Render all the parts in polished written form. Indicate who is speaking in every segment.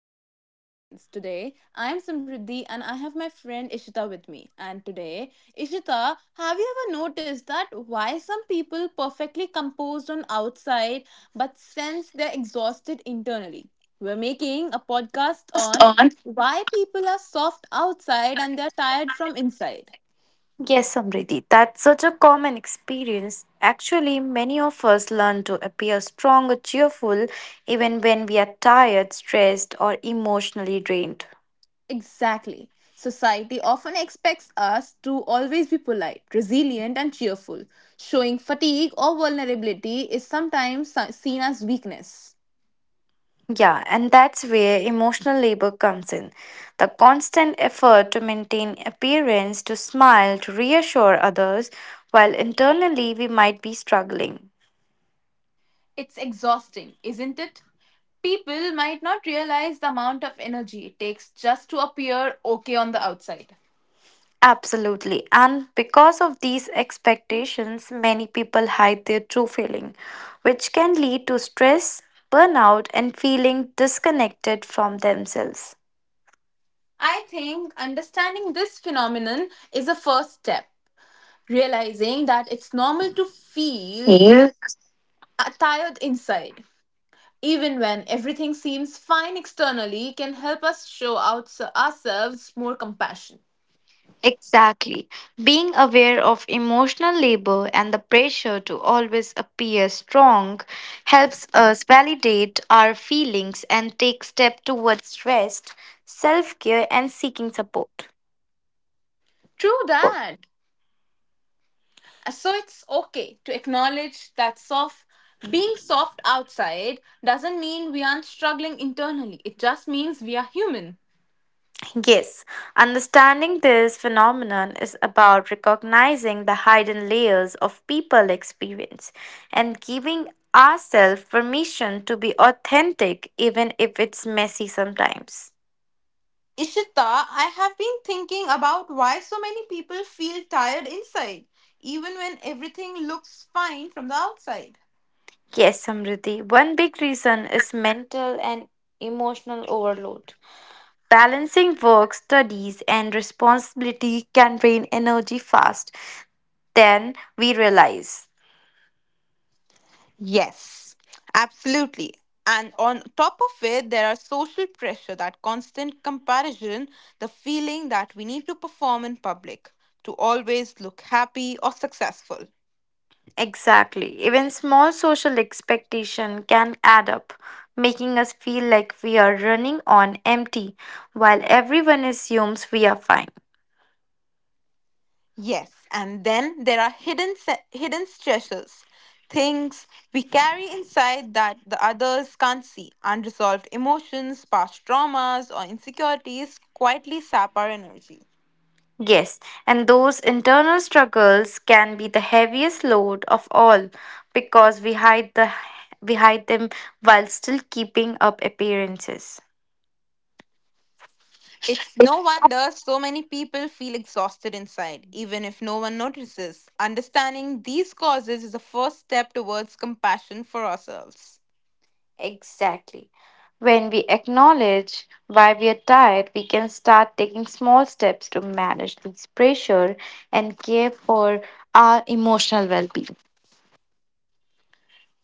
Speaker 1: to our beautiful audience. Today, I am Samriddhi and I have my friend Ishita with me. And today, Ishita, have you ever noticed that why some people perfectly composed on outside but sense they're exhausted internally? We're making a podcast
Speaker 2: Just
Speaker 1: on
Speaker 2: on.
Speaker 1: why people are soft outside and they're tired from inside.
Speaker 2: Yes, Samriddhi, that's such a common experience. Actually, many of us learn to appear strong or cheerful even when we are tired, stressed, or emotionally drained.
Speaker 1: Exactly. Society often expects us to always be polite, resilient, and cheerful. Showing fatigue or vulnerability is sometimes seen as weakness.
Speaker 2: Yeah, and that's where emotional labor comes in. The constant effort to maintain appearance, to smile, to reassure others, while internally we might be struggling.
Speaker 1: It's exhausting, isn't it? People might not realize the amount of energy it takes just to appear okay on the outside.
Speaker 2: Absolutely. And because of these expectations, many people hide their true feeling, which can lead to stress, burnout, and feeling disconnected from themselves.
Speaker 1: I think understanding this phenomenon is a first step, realizing that it's normal to feel
Speaker 2: Yeah.
Speaker 1: tired inside, even when everything seems fine externally, can help us show out ourselves more compassion.
Speaker 2: Exactly. Being aware of emotional labor and the pressure to always appear strong helps us validate our feelings and take step towards rest, self-care, and seeking support.
Speaker 1: True that. So it's okay to acknowledge that soft being soft outside doesn't mean we aren't struggling internally. It just means we are human.
Speaker 2: Yes, understanding this phenomenon is about recognizing the hidden layers of people experience and giving ourselves permission to be authentic even if it's messy sometimes.
Speaker 1: Ishita, I have been thinking about why so many people feel tired inside, even when everything looks fine from the outside.
Speaker 2: Yes, Samriddhi, one big reason is mental and emotional overload. Balancing work, studies, and responsibility can drain energy fast than we realize.
Speaker 1: Yes, absolutely. And on top of it, there are social pressure, that constant comparison, the feeling that we need to perform in public, to always look happy or successful.
Speaker 2: Exactly. Even small social expectation can add up, making us feel like we are running on empty while everyone assumes we are fine.
Speaker 1: Yes, and then there are hidden stresses, things we carry inside that the others can't see. Unresolved emotions, past traumas, or insecurities quietly sap our energy.
Speaker 2: Yes, and those internal struggles can be the heaviest load of all because we hide them while still keeping up appearances.
Speaker 1: It's no wonder so many people feel exhausted inside, even if no one notices. Understanding these causes is the first step towards compassion for ourselves.
Speaker 2: Exactly. When we acknowledge why we are tired, we can start taking small steps to manage this pressure and care for our emotional well being.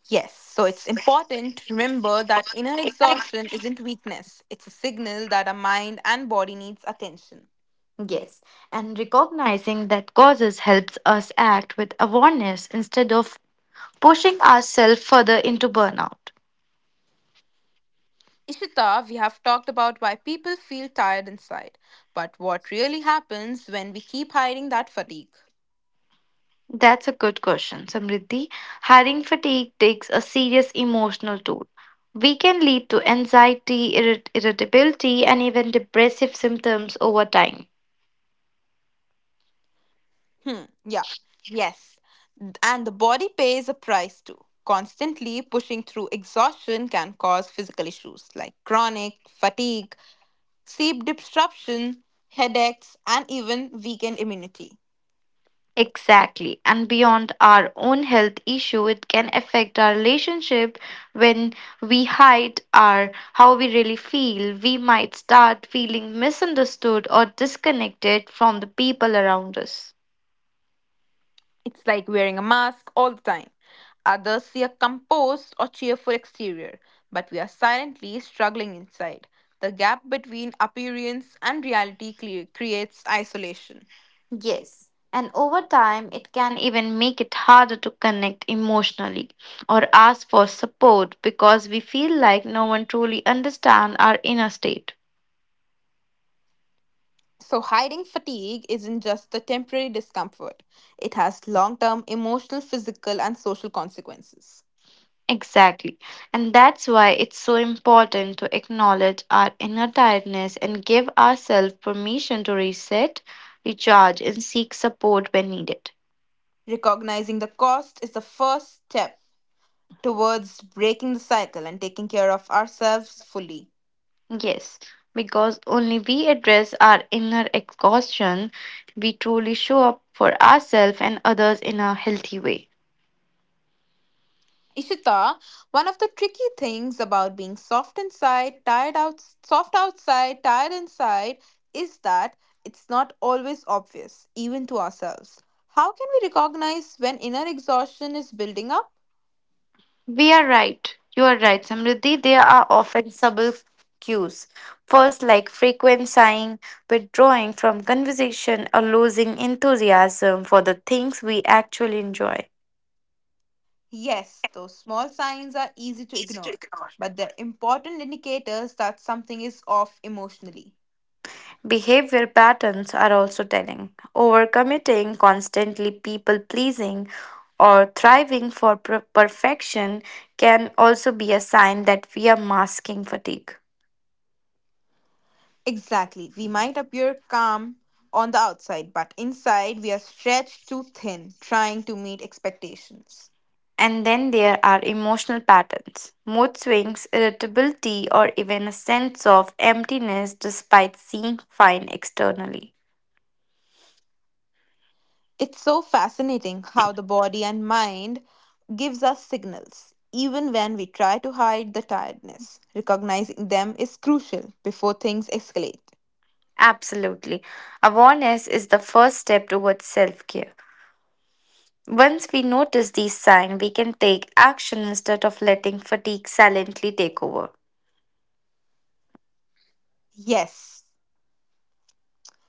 Speaker 1: Yes, so it's important to remember that inner exhaustion isn't weakness, it's a signal that our mind and body needs attention.
Speaker 2: Yes, and recognizing that causes helps us act with awareness instead of pushing ourselves further into burnout.
Speaker 1: Ishita, we have talked about why people feel tired inside, but what really happens when we keep hiding that fatigue?
Speaker 2: That's a good question, Samriddhi. Hiring fatigue takes a serious emotional toll. We can lead to anxiety, irritability, and even depressive symptoms over time.
Speaker 1: Hmm, yeah, yes. And the body pays a price too. Constantly pushing through exhaustion can cause physical issues like chronic fatigue, sleep disruption, headaches, and even weakened immunity.
Speaker 2: Exactly. And beyond our own health issue, it can affect our relationship when we hide our how we really feel. We might start feeling misunderstood or disconnected from the people around us.
Speaker 1: It's like wearing a mask all the time. Others see a composed or cheerful exterior, but we are silently struggling inside. The gap between appearance and reality creates isolation.
Speaker 2: Yes. And over time, it can even make it harder to connect emotionally or ask for support because we feel like no one truly understands our inner state.
Speaker 1: So, hiding fatigue isn't just the temporary discomfort, it has long term emotional, physical, and social consequences.
Speaker 2: Exactly. And that's why it's so important to acknowledge our inner tiredness and give ourselves permission to reset, recharge, and seek support when needed.
Speaker 1: Recognizing the cost is the first step towards breaking the cycle and taking care of ourselves fully.
Speaker 2: Yes, because only we address our inner exhaustion, we truly show up for ourselves and others in a healthy way.
Speaker 1: Ishita, one of the tricky things about being soft inside, tired out, soft outside, tired inside is that it's not always obvious, even to ourselves. How can we recognize when inner exhaustion is building up?
Speaker 2: We are right. You are right, Samriddhi. There are often subtle cues. First, like frequent sighing, withdrawing from conversation, or losing enthusiasm for the things we actually enjoy.
Speaker 1: Yes, those small signs are easy to
Speaker 2: Easy to
Speaker 1: ignore,
Speaker 2: ignore.
Speaker 1: but they're important indicators that something is off emotionally.
Speaker 2: Behavior patterns are also telling. Overcommitting, constantly people pleasing, or thriving for perfection can also be a sign that we are masking fatigue.
Speaker 1: Exactly. We might appear calm on the outside, but inside we are stretched too thin trying to meet expectations.
Speaker 2: And then there are emotional patterns, mood swings, irritability, or even a sense of emptiness despite seeming fine externally.
Speaker 1: It's so fascinating how the body and mind gives us signals even when we try to hide the tiredness. Recognizing them is crucial before things escalate.
Speaker 2: Absolutely. Awareness is the first step towards self care. Once we notice these signs, we can take action instead of letting fatigue silently take over.
Speaker 1: Yes.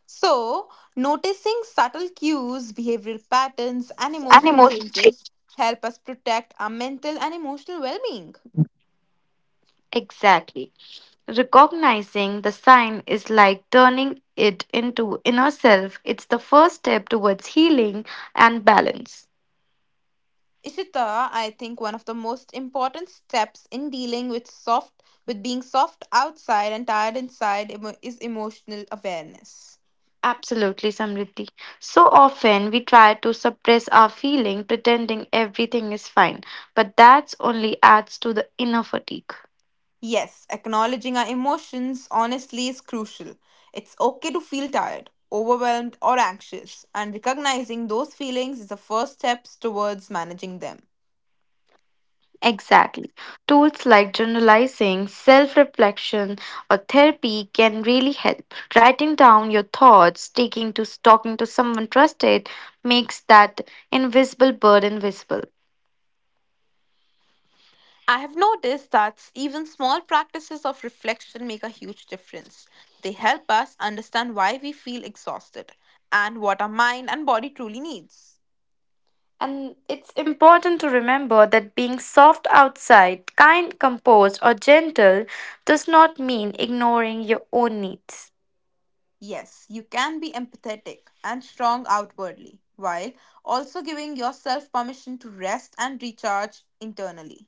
Speaker 1: So, noticing subtle cues, behavioral patterns, and
Speaker 2: And
Speaker 1: emotional
Speaker 2: emotional change.
Speaker 1: changes help us protect our mental and emotional well being.
Speaker 2: Exactly. Recognizing the sign is like turning it into inner self. It's the first step towards healing and balance.
Speaker 1: Ishita, I think one of the most important steps in dealing with soft with being soft outside and tired inside is emotional awareness.
Speaker 2: Absolutely, Samriddhi. So often we try to suppress our feeling, pretending everything is fine, but that's only adds to the inner fatigue.
Speaker 1: Yes, acknowledging our emotions honestly is crucial. It's okay to feel tired, overwhelmed, or anxious, and recognizing those feelings is the first steps towards managing them.
Speaker 2: Exactly. Tools like journalizing, self reflection, or therapy can really help. Writing down your thoughts, taking to talking to someone trusted makes that invisible burden visible.
Speaker 1: I have noticed that even small practices of reflection make a huge difference. They help us understand why we feel exhausted and what our mind and body truly needs.
Speaker 2: And it's important to remember that being soft outside, kind, composed, or gentle does not mean ignoring your own needs.
Speaker 1: Yes, you can be empathetic and strong outwardly while also giving yourself permission to rest and recharge internally.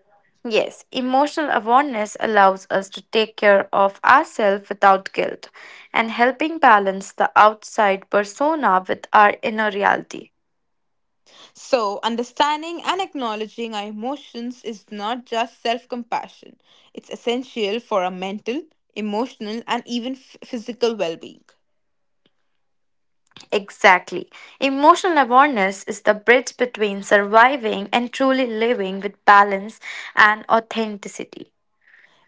Speaker 2: Yes, emotional awareness allows us to take care of ourselves without guilt and helping balance the outside persona with our inner reality.
Speaker 1: So, understanding and acknowledging our emotions is not just self compassion, it's essential for our mental, emotional, and even physical well being.
Speaker 2: Exactly. Emotional awareness is the bridge between surviving and truly living with balance and authenticity.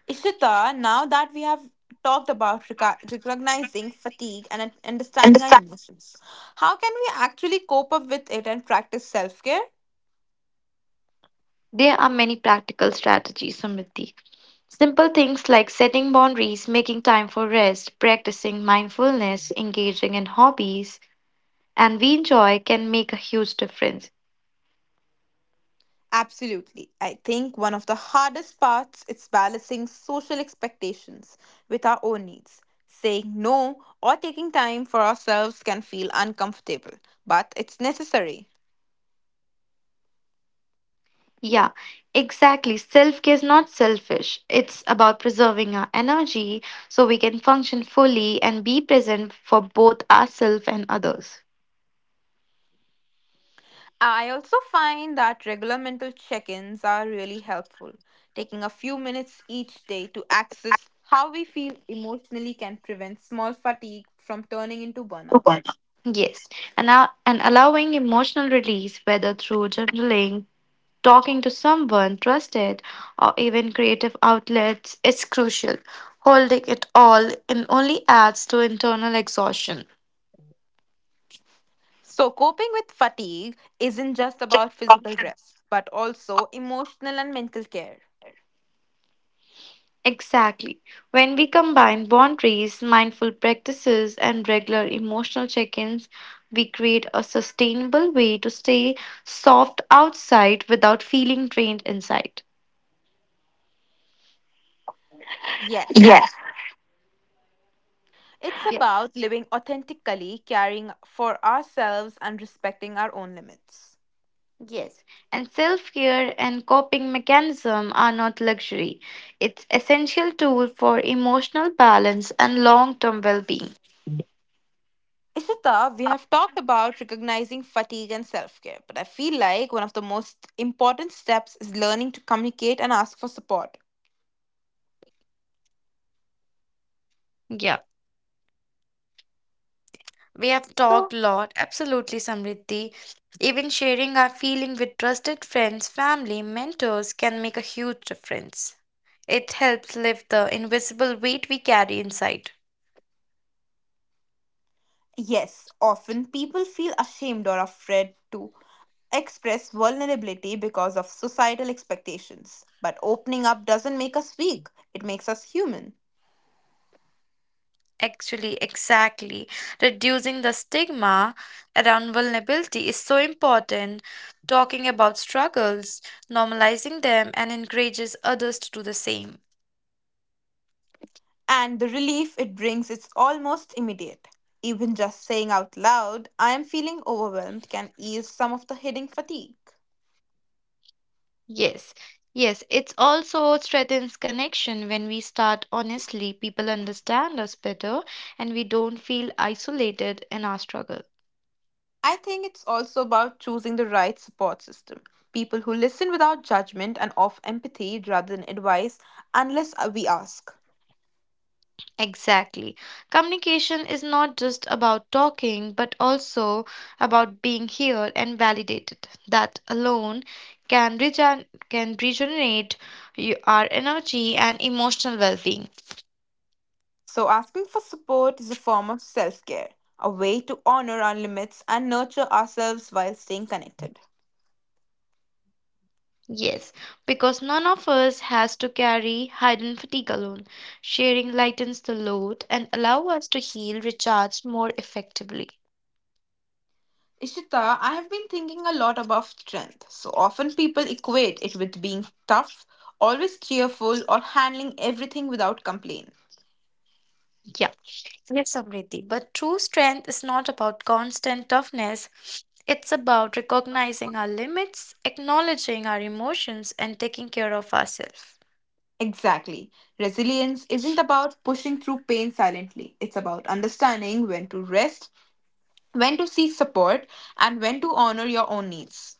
Speaker 1: Ishita, now that we have talked about recognizing fatigue and
Speaker 2: And the
Speaker 1: understanding our
Speaker 2: fact.
Speaker 1: emotions, how can we actually cope up with it and practice self care?
Speaker 2: There are many practical strategies, Samriddhi. Simple things like setting boundaries, making time for rest, practicing mindfulness, engaging in hobbies, and we enjoy can make a huge difference.
Speaker 1: Absolutely. I think one of the hardest parts is balancing social expectations with our own needs. Saying no or taking time for ourselves can feel uncomfortable, but it's necessary.
Speaker 2: Yeah, exactly. Self care is not selfish, it's about preserving our energy so we can function fully and be present for both ourselves and others.
Speaker 1: I also find that regular mental check ins are really helpful. Taking a few minutes each day to access how we feel emotionally can prevent small fatigue from turning into burnout.
Speaker 2: Yes, and allowing emotional release, whether through journaling, talking to someone trusted, or even creative outlets, is crucial. Holding it all in only adds to internal exhaustion.
Speaker 1: So, coping with fatigue isn't just about physical rest, but also emotional and mental care.
Speaker 2: Exactly. When we combine boundaries, mindful practices, and regular emotional check ins, we create a sustainable way to stay soft outside without feeling drained inside.
Speaker 1: Yes,
Speaker 2: Yes.
Speaker 1: it's
Speaker 2: Ye-
Speaker 1: about living authentically, caring for ourselves, and respecting our own limits.
Speaker 2: Yes, and self care and coping mechanism are not luxury. It's essential tool for emotional balance and long term well being.
Speaker 1: Ishita, we have talked about recognizing fatigue and self care, but I feel like one of the most important steps is learning to communicate and ask for support.
Speaker 2: Yeah, we have talked
Speaker 1: So,
Speaker 2: a lot. Absolutely, Samriddhi. Even sharing our feeling with trusted friends, family, mentors can make a huge difference. It helps lift the invisible weight we carry inside.
Speaker 1: yes, often people feel ashamed or afraid to express vulnerability because of societal expectations. But opening up doesn't make us weak, it makes us human.
Speaker 2: Actually, exactly. Reducing the stigma around vulnerability is so important. Talking about struggles, normalizing them, and encourages others to do the same.
Speaker 1: And the relief it brings is almost immediate. Even just saying out loud, I am feeling overwhelmed, can ease some of the hidden fatigue.
Speaker 2: Yes, yes, it's also strengthens connection when we start honestly. People understand us better and we don't feel isolated in our struggle.
Speaker 1: I think it's also about choosing the right support system. People who listen without judgment and offer empathy rather than advice unless we ask.
Speaker 2: Exactly. Communication is not just about talking, but also about being here and validated. That alone can regenerate our energy and emotional well being.
Speaker 1: So, asking for support is a form of self care, a way to honor our limits and nurture ourselves while staying connected.
Speaker 2: Yes, because none of us has to carry hidden fatigue alone. Sharing lightens the load and allow us to heal, recharge more effectively.
Speaker 1: Ishita, I have been thinking a lot about strength. So often people equate it with being tough, always cheerful, or handling everything without complaint.
Speaker 2: Yeah. Yes, Samriddhi. But true strength is not about constant toughness. It's about recognizing our limits, acknowledging our emotions, and taking care of ourselves.
Speaker 1: Exactly. Resilience isn't about pushing through pain silently, it's about understanding when to rest, when to seek support, and when to honor your own needs.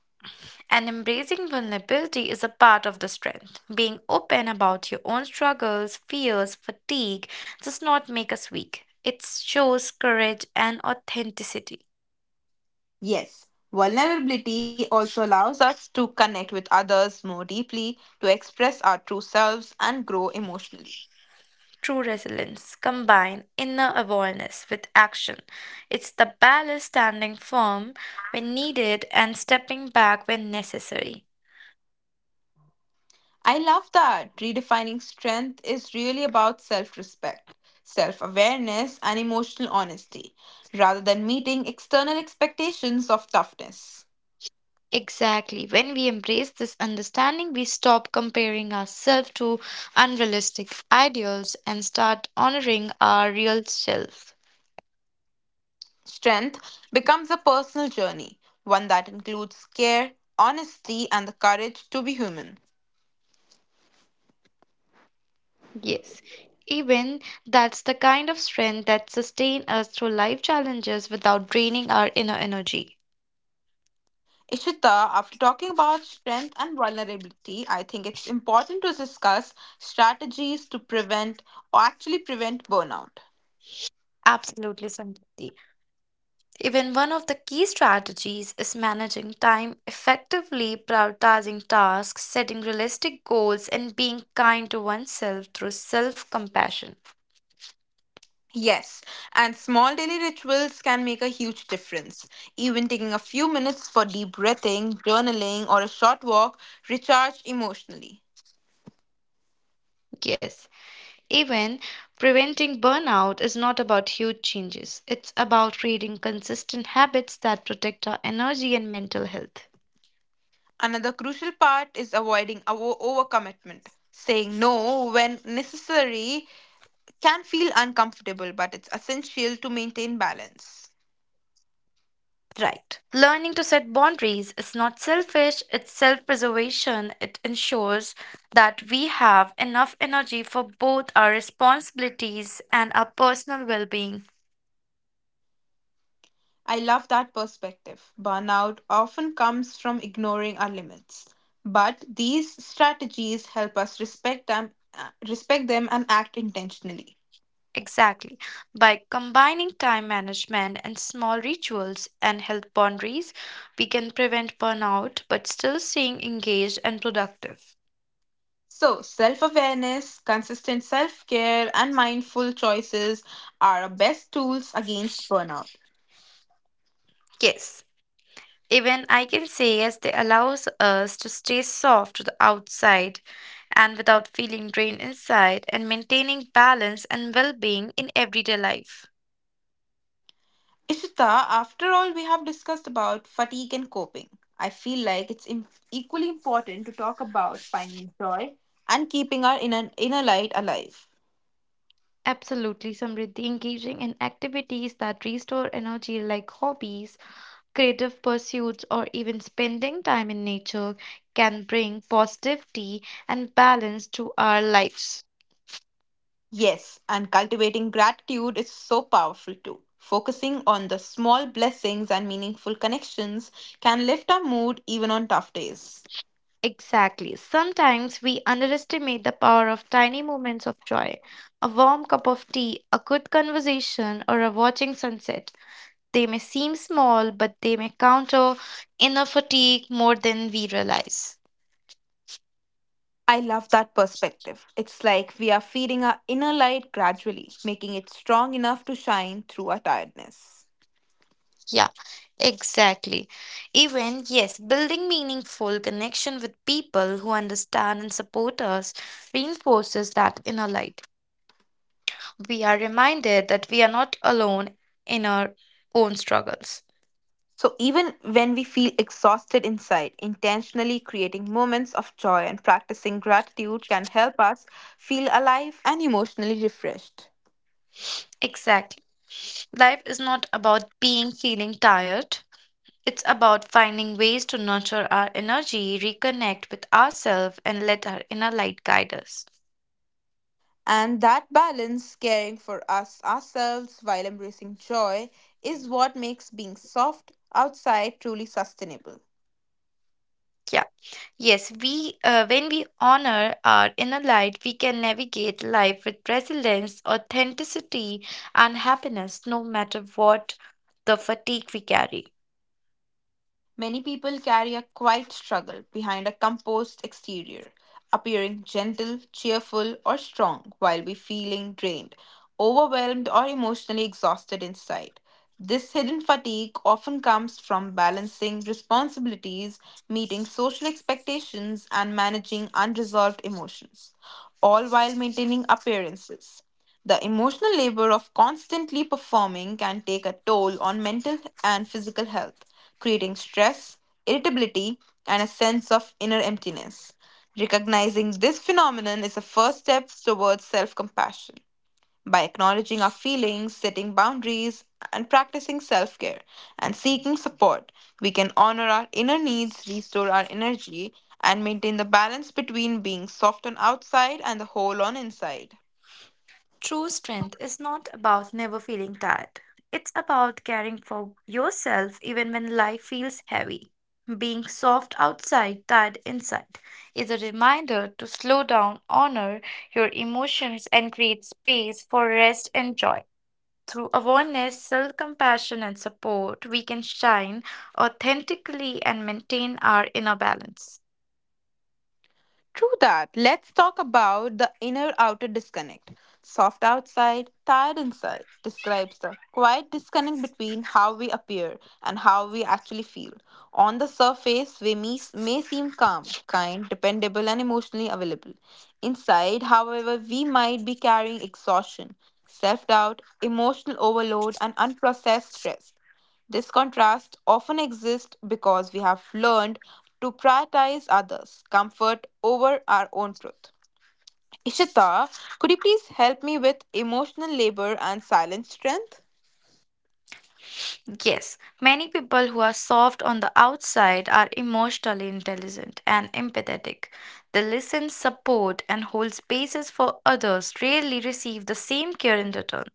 Speaker 2: And embracing vulnerability is a part of the strength. Being open about your own struggles, fears, fatigue does not make us weak. It shows courage and authenticity.
Speaker 1: Yes, vulnerability also allows us to connect with others more deeply, to express our true selves, and grow emotionally.
Speaker 2: True resilience combine inner awareness with action. It's the balance standing firm when needed and stepping back when necessary.
Speaker 1: I love that. Redefining strength is really about self respect, self awareness, and emotional honesty, rather than meeting external expectations of toughness.
Speaker 2: Exactly. When we embrace this understanding, we stop comparing ourselves to unrealistic ideals and start honoring our real self.
Speaker 1: Strength becomes a personal journey, one that includes care, honesty, and the courage to be human.
Speaker 2: Yes. Even that's the kind of strength that sustain us through life challenges without draining our inner energy.
Speaker 1: Ishita, after talking about strength and vulnerability, I think it's important to discuss strategies to prevent or actually prevent burnout.
Speaker 2: Absolutely, Sangeeti. Even one of the key strategies is managing time effectively, prioritizing tasks, setting realistic goals, and being kind to oneself through self compassion.
Speaker 1: Yes, and small daily rituals can make a huge difference. Even taking a few minutes for deep breathing, journaling, or a short walk recharge emotionally.
Speaker 2: Yes, even preventing burnout is not about huge changes. It's about creating consistent habits that protect our energy and mental health.
Speaker 1: Another crucial part is avoiding overcommitment. Saying no when necessary can feel uncomfortable, but it's essential to maintain balance.
Speaker 2: Right. Learning to set boundaries is not selfish, it's self preservation. It ensures that we have enough energy for both our responsibilities and our personal well being.
Speaker 1: I love that perspective. Burnout often comes from ignoring our limits, but these strategies help us respect them and act intentionally.
Speaker 2: Exactly. By combining time management and small rituals and health boundaries, we can prevent burnout but still staying engaged and productive.
Speaker 1: So, self awareness, consistent self care, and mindful choices are our best tools against burnout.
Speaker 2: Yes. Even I can say yes, they allows us to stay soft to the outside and without feeling drained inside and maintaining balance and well-being in everyday life.
Speaker 1: Ishita, after all we have discussed about fatigue and coping, I feel like it's equally important to talk about finding joy and keeping our inner light alive.
Speaker 2: Absolutely, Samriddhi, engaging in activities that restore energy like hobbies, creative pursuits, or even spending time in nature can bring positivity and balance to our lives.
Speaker 1: Yes, and cultivating gratitude is so powerful too. Focusing on the small blessings and meaningful connections can lift our mood even on tough days.
Speaker 2: Exactly. Sometimes we underestimate the power of tiny moments of joy. A warm cup of tea, a good conversation, or a watching sunset. They may seem small, but they may counter inner fatigue more than we realize.
Speaker 1: I love that perspective. It's like we are feeding our inner light gradually, making it strong enough to shine through our tiredness.
Speaker 2: Yeah, exactly. Even, yes, building meaningful connection with people who understand and support us reinforces that inner light. We are reminded that we are not alone in our own struggles.
Speaker 1: So, even when we feel exhausted inside, intentionally creating moments of joy and practicing gratitude can help us feel alive and emotionally refreshed.
Speaker 2: Exactly. Life is not about being feeling tired. It's about finding ways to nurture our energy, reconnect with ourselves, and let our inner light guide us.
Speaker 1: And that balance, caring for us ourselves while embracing joy, is what makes being soft outside truly sustainable.
Speaker 2: Yeah. Yes, we when we honor our inner light, we can navigate life with resilience, authenticity, and happiness, no matter what the fatigue we carry.
Speaker 1: Many people carry a quiet struggle behind a composed exterior, appearing gentle, cheerful, or strong while we feeling drained, overwhelmed, or emotionally exhausted inside. This hidden fatigue often comes from balancing responsibilities, meeting social expectations, and managing unresolved emotions, all while maintaining appearances. The emotional labor of constantly performing can take a toll on mental and physical health, creating stress, irritability, and a sense of inner emptiness. Recognizing this phenomenon is a first step towards self compassion. By acknowledging our feelings, setting boundaries, and practicing self care and seeking support, we can honor our inner needs, restore our energy, and maintain the balance between being soft on outside and the whole on inside.
Speaker 2: True strength is not about never feeling tired. It's about caring for yourself even when life feels heavy. Being soft outside, tired inside is a reminder to slow down, honor your emotions, and create space for rest and joy. Through awareness, self compassion, and support, we can shine authentically and maintain our inner balance.
Speaker 1: True that. Let's talk about the inner outer disconnect. Soft outside, tired inside describes the quiet disconnect between how we appear and how we actually feel. On the surface, we may seem calm, kind, dependable, and emotionally available. Inside, however, we might be carrying exhaustion, self doubt, emotional overload, and unprocessed stress. This contrast often exists because we have learned to prioritize others' comfort over our own truth. Ishita, could you please help me with emotional labor and silent strength?
Speaker 2: Yes, many people who are soft on the outside are emotionally intelligent and empathetic. They listen, support, and hold spaces for others, rarely receive the same care in return.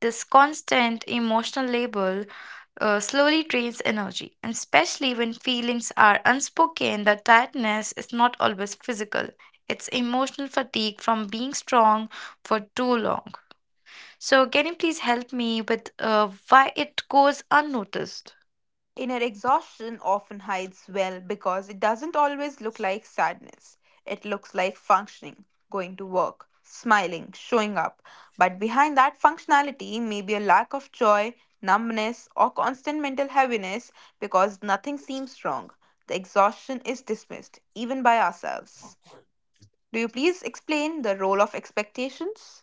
Speaker 2: This constant emotional label slowly drains energy, and especially when feelings are unspoken, the tiredness is not always physical. It's emotional fatigue from being strong for too long. So, can you please help me with why it goes unnoticed?
Speaker 1: Inner exhaustion often hides well because it doesn't always look like sadness. It looks like functioning, going to work, smiling, showing up. But behind that functionality may be a lack of joy, numbness, or constant mental heaviness because nothing seems wrong. The exhaustion is dismissed, even by ourselves. Do you please explain the role of expectations?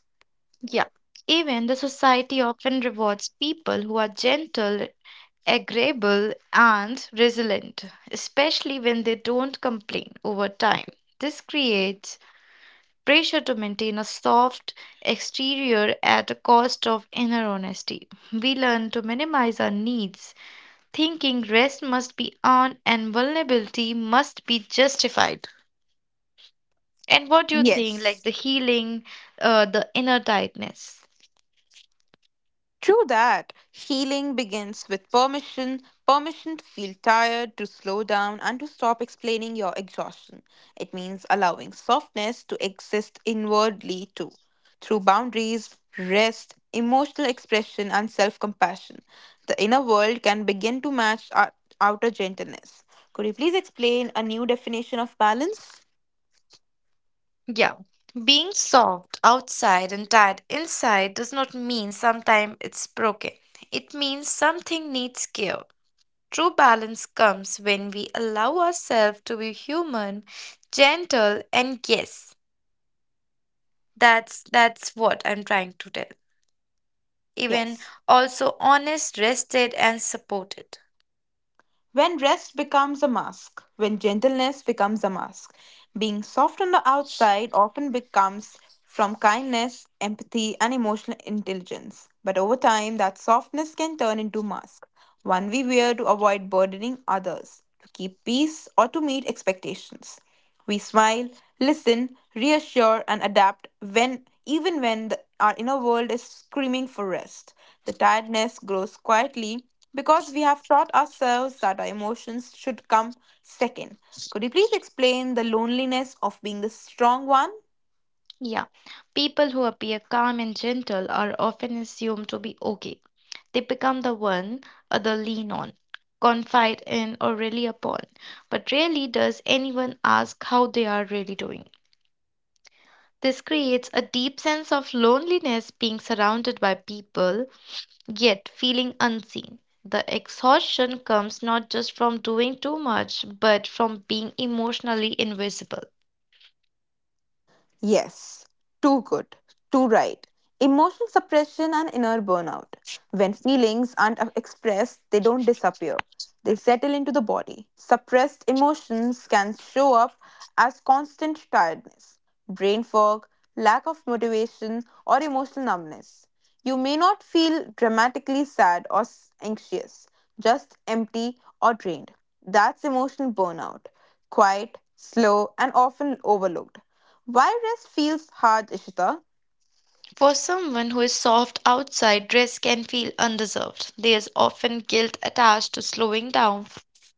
Speaker 2: Yeah. Even the society often rewards people who are gentle, agreeable, and resilient, especially when they don't complain over time. This creates pressure to maintain a soft exterior at the cost of inner honesty. We learn to minimize our needs, thinking rest must be earned and vulnerability must be justified. And what do you think, like
Speaker 1: Yes.
Speaker 2: the healing, the inner tightness?
Speaker 1: True that. Healing begins with permission permission to feel tired, to slow down, and to stop explaining your exhaustion. It means allowing softness to exist inwardly too, through boundaries, rest, emotional expression, and self compassion. The inner world can begin to match our outer gentleness. Could you please explain a new definition of balance?
Speaker 2: Yeah. Being soft outside and tight inside does not mean sometimes it's broken. It means something needs care. True balance comes when we allow ourselves to be human, gentle, and yes, that's what I'm trying to tell. Even
Speaker 1: Yes.
Speaker 2: also honest, rested, and supported.
Speaker 1: When rest becomes a mask, when gentleness becomes a mask, being soft on the outside often becomes from kindness, empathy, and emotional intelligence. But over time, that softness can turn into mask, one we wear to avoid burdening others, to keep peace, or to meet expectations. We smile, listen, reassure, and adapt when, even when our inner world is screaming for rest. The tiredness grows quietly because we have taught ourselves that our emotions should come second. Could you please explain the loneliness of being the strong one?
Speaker 2: Yeah, people who appear calm and gentle are often assumed to be okay. They become the one other lean on, confide in, or rely upon. But rarely does anyone ask how they are really doing. This creates a deep sense of loneliness being surrounded by people, yet feeling unseen. The exhaustion comes not just from doing too much, but from being emotionally invisible.
Speaker 1: Yes, too good, too right. Emotional suppression and inner burnout. When feelings aren't expressed, they don't disappear. They settle into the body. Suppressed emotions can show up as constant tiredness, brain fog, lack of motivation, or emotional numbness. You may not feel dramatically sad or anxious, just empty or drained. That's emotional burnout. Quiet, slow, and often overlooked. Why rest feels hard, Ishita?
Speaker 2: For someone who is soft outside, rest can feel undeserved. There is often guilt attached to slowing down,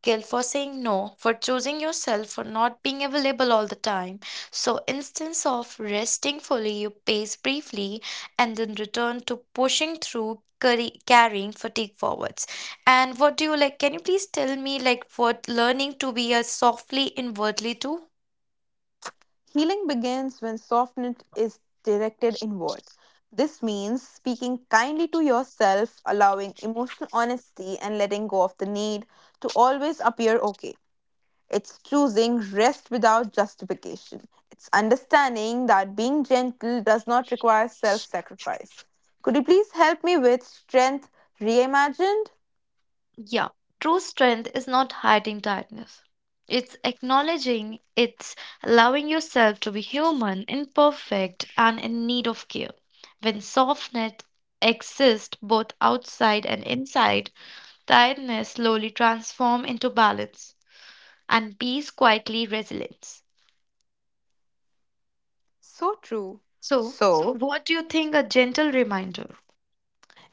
Speaker 2: guilt for saying no, for choosing yourself, for not being available all the time. So, instance of resting fully, you pace briefly and then return to pushing through, carrying fatigue forwards. And what do you like? Can you please tell me, like, what learning to be a softly inwardly too?
Speaker 1: Healing begins when softness is directed inwards. This means speaking kindly to yourself, allowing emotional honesty, and letting go of the need to always appear okay. It's choosing rest without justification. It's understanding that being gentle does not require self sacrifice. Could you please help me with strength reimagined?
Speaker 2: Yeah, true strength is not hiding tiredness. It's acknowledging, it's allowing yourself to be human, imperfect, and in need of care. When softness exists both outside and inside, tiredness slowly transforms into balance and peace quietly resilience.
Speaker 1: So true.
Speaker 2: So,
Speaker 1: So,
Speaker 2: what do you think a gentle reminder?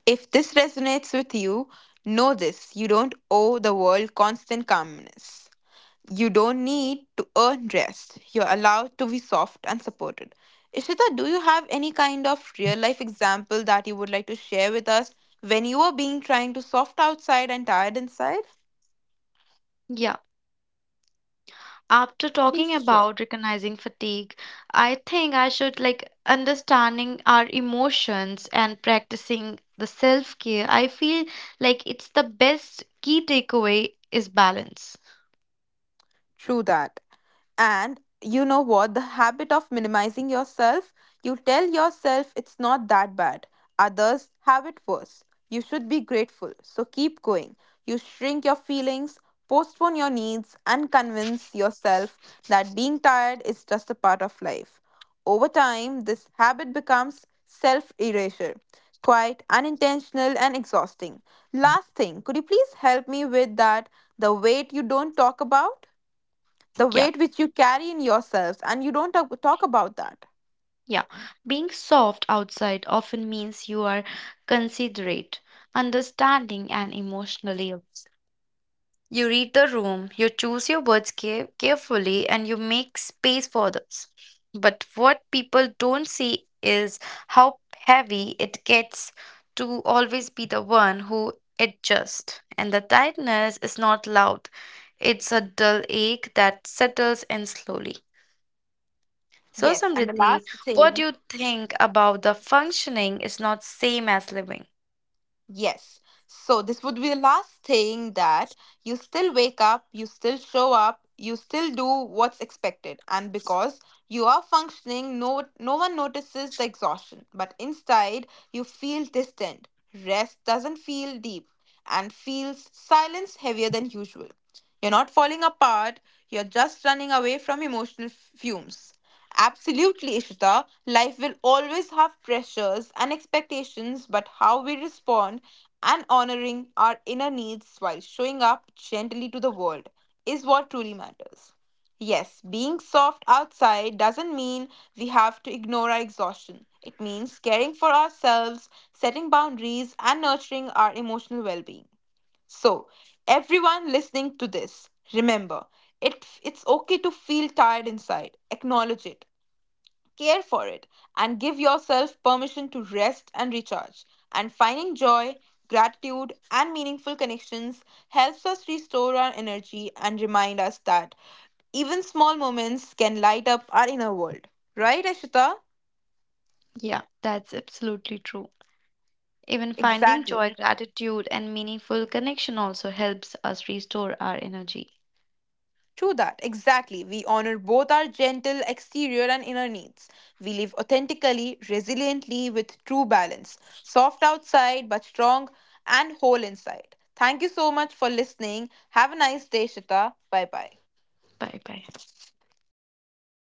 Speaker 1: if this resonates with you, know this: you don't owe the world constant calmness. You don't need to earn rest. You're allowed to be soft and supported. Ishita, do you have any kind of real life example that you would like to share with us when you were being trying to soft outside and tired inside?
Speaker 2: Yeah. After talking
Speaker 1: Please share.
Speaker 2: about recognizing fatigue, I think I should, like, understanding our emotions and practicing the self care, I feel like it's the best key takeaway is balance.
Speaker 1: True that. And you know what? The habit of minimizing yourself, you tell yourself it's not that bad. Others have it worse. You should be grateful. So keep going. You shrink your feelings, postpone your needs, and convince yourself that being tired is just a part of life. Over time, this habit becomes self erasure, quite unintentional and exhausting. Last thing, could you please help me with that? The weight you don't talk about? The
Speaker 2: Yeah,
Speaker 1: weight which you carry in yourselves and you don't talk about that.
Speaker 2: yeah, being soft outside often means you are considerate, understanding, and emotionally available. You read the room, you choose your words carefully, and you make space for others. But what people don't see is how heavy it gets to always be the one who adjusts. And the tightness is not loud, it's a dull ache that settles in slowly. So,
Speaker 1: Yes, and the
Speaker 2: Samriddhi,
Speaker 1: last
Speaker 2: what
Speaker 1: thing,
Speaker 2: you think about the functioning is not same as living.
Speaker 1: yes, so this would be the last thing: that you still wake up, you still show up, you still do what's expected, and because you are functioning, no one notices the exhaustion, but inside you feel distant, rest doesn't feel deep, and feels silence heavier than usual. You're not falling apart, you're just running away from emotional fumes. Absolutely, Ishita. Life will always have pressures and expectations, but how we respond and honoring our inner needs while showing up gently to the world is what truly matters. Yes, being soft outside doesn't mean we have to ignore our exhaustion. It means caring for ourselves, setting boundaries, and nurturing our emotional well being. So, everyone listening to this, remember it's okay to feel tired inside. Acknowledge it, care for it, and give yourself permission to rest and recharge. And finding joy, gratitude, and meaningful connections helps us restore our energy and remind us that even small moments can light up our inner world. Right, Ashita?
Speaker 2: Yeah, that's absolutely true. Even finding
Speaker 1: Exactly.
Speaker 2: joy, gratitude, and meaningful connection also helps us restore our energy.
Speaker 1: True that, exactly. We honor both our gentle exterior and inner needs. We live authentically, resiliently, with true balance. Soft outside, but strong and whole inside. Thank you so much for listening. Have a nice day, Shita. Bye bye.
Speaker 2: Bye bye.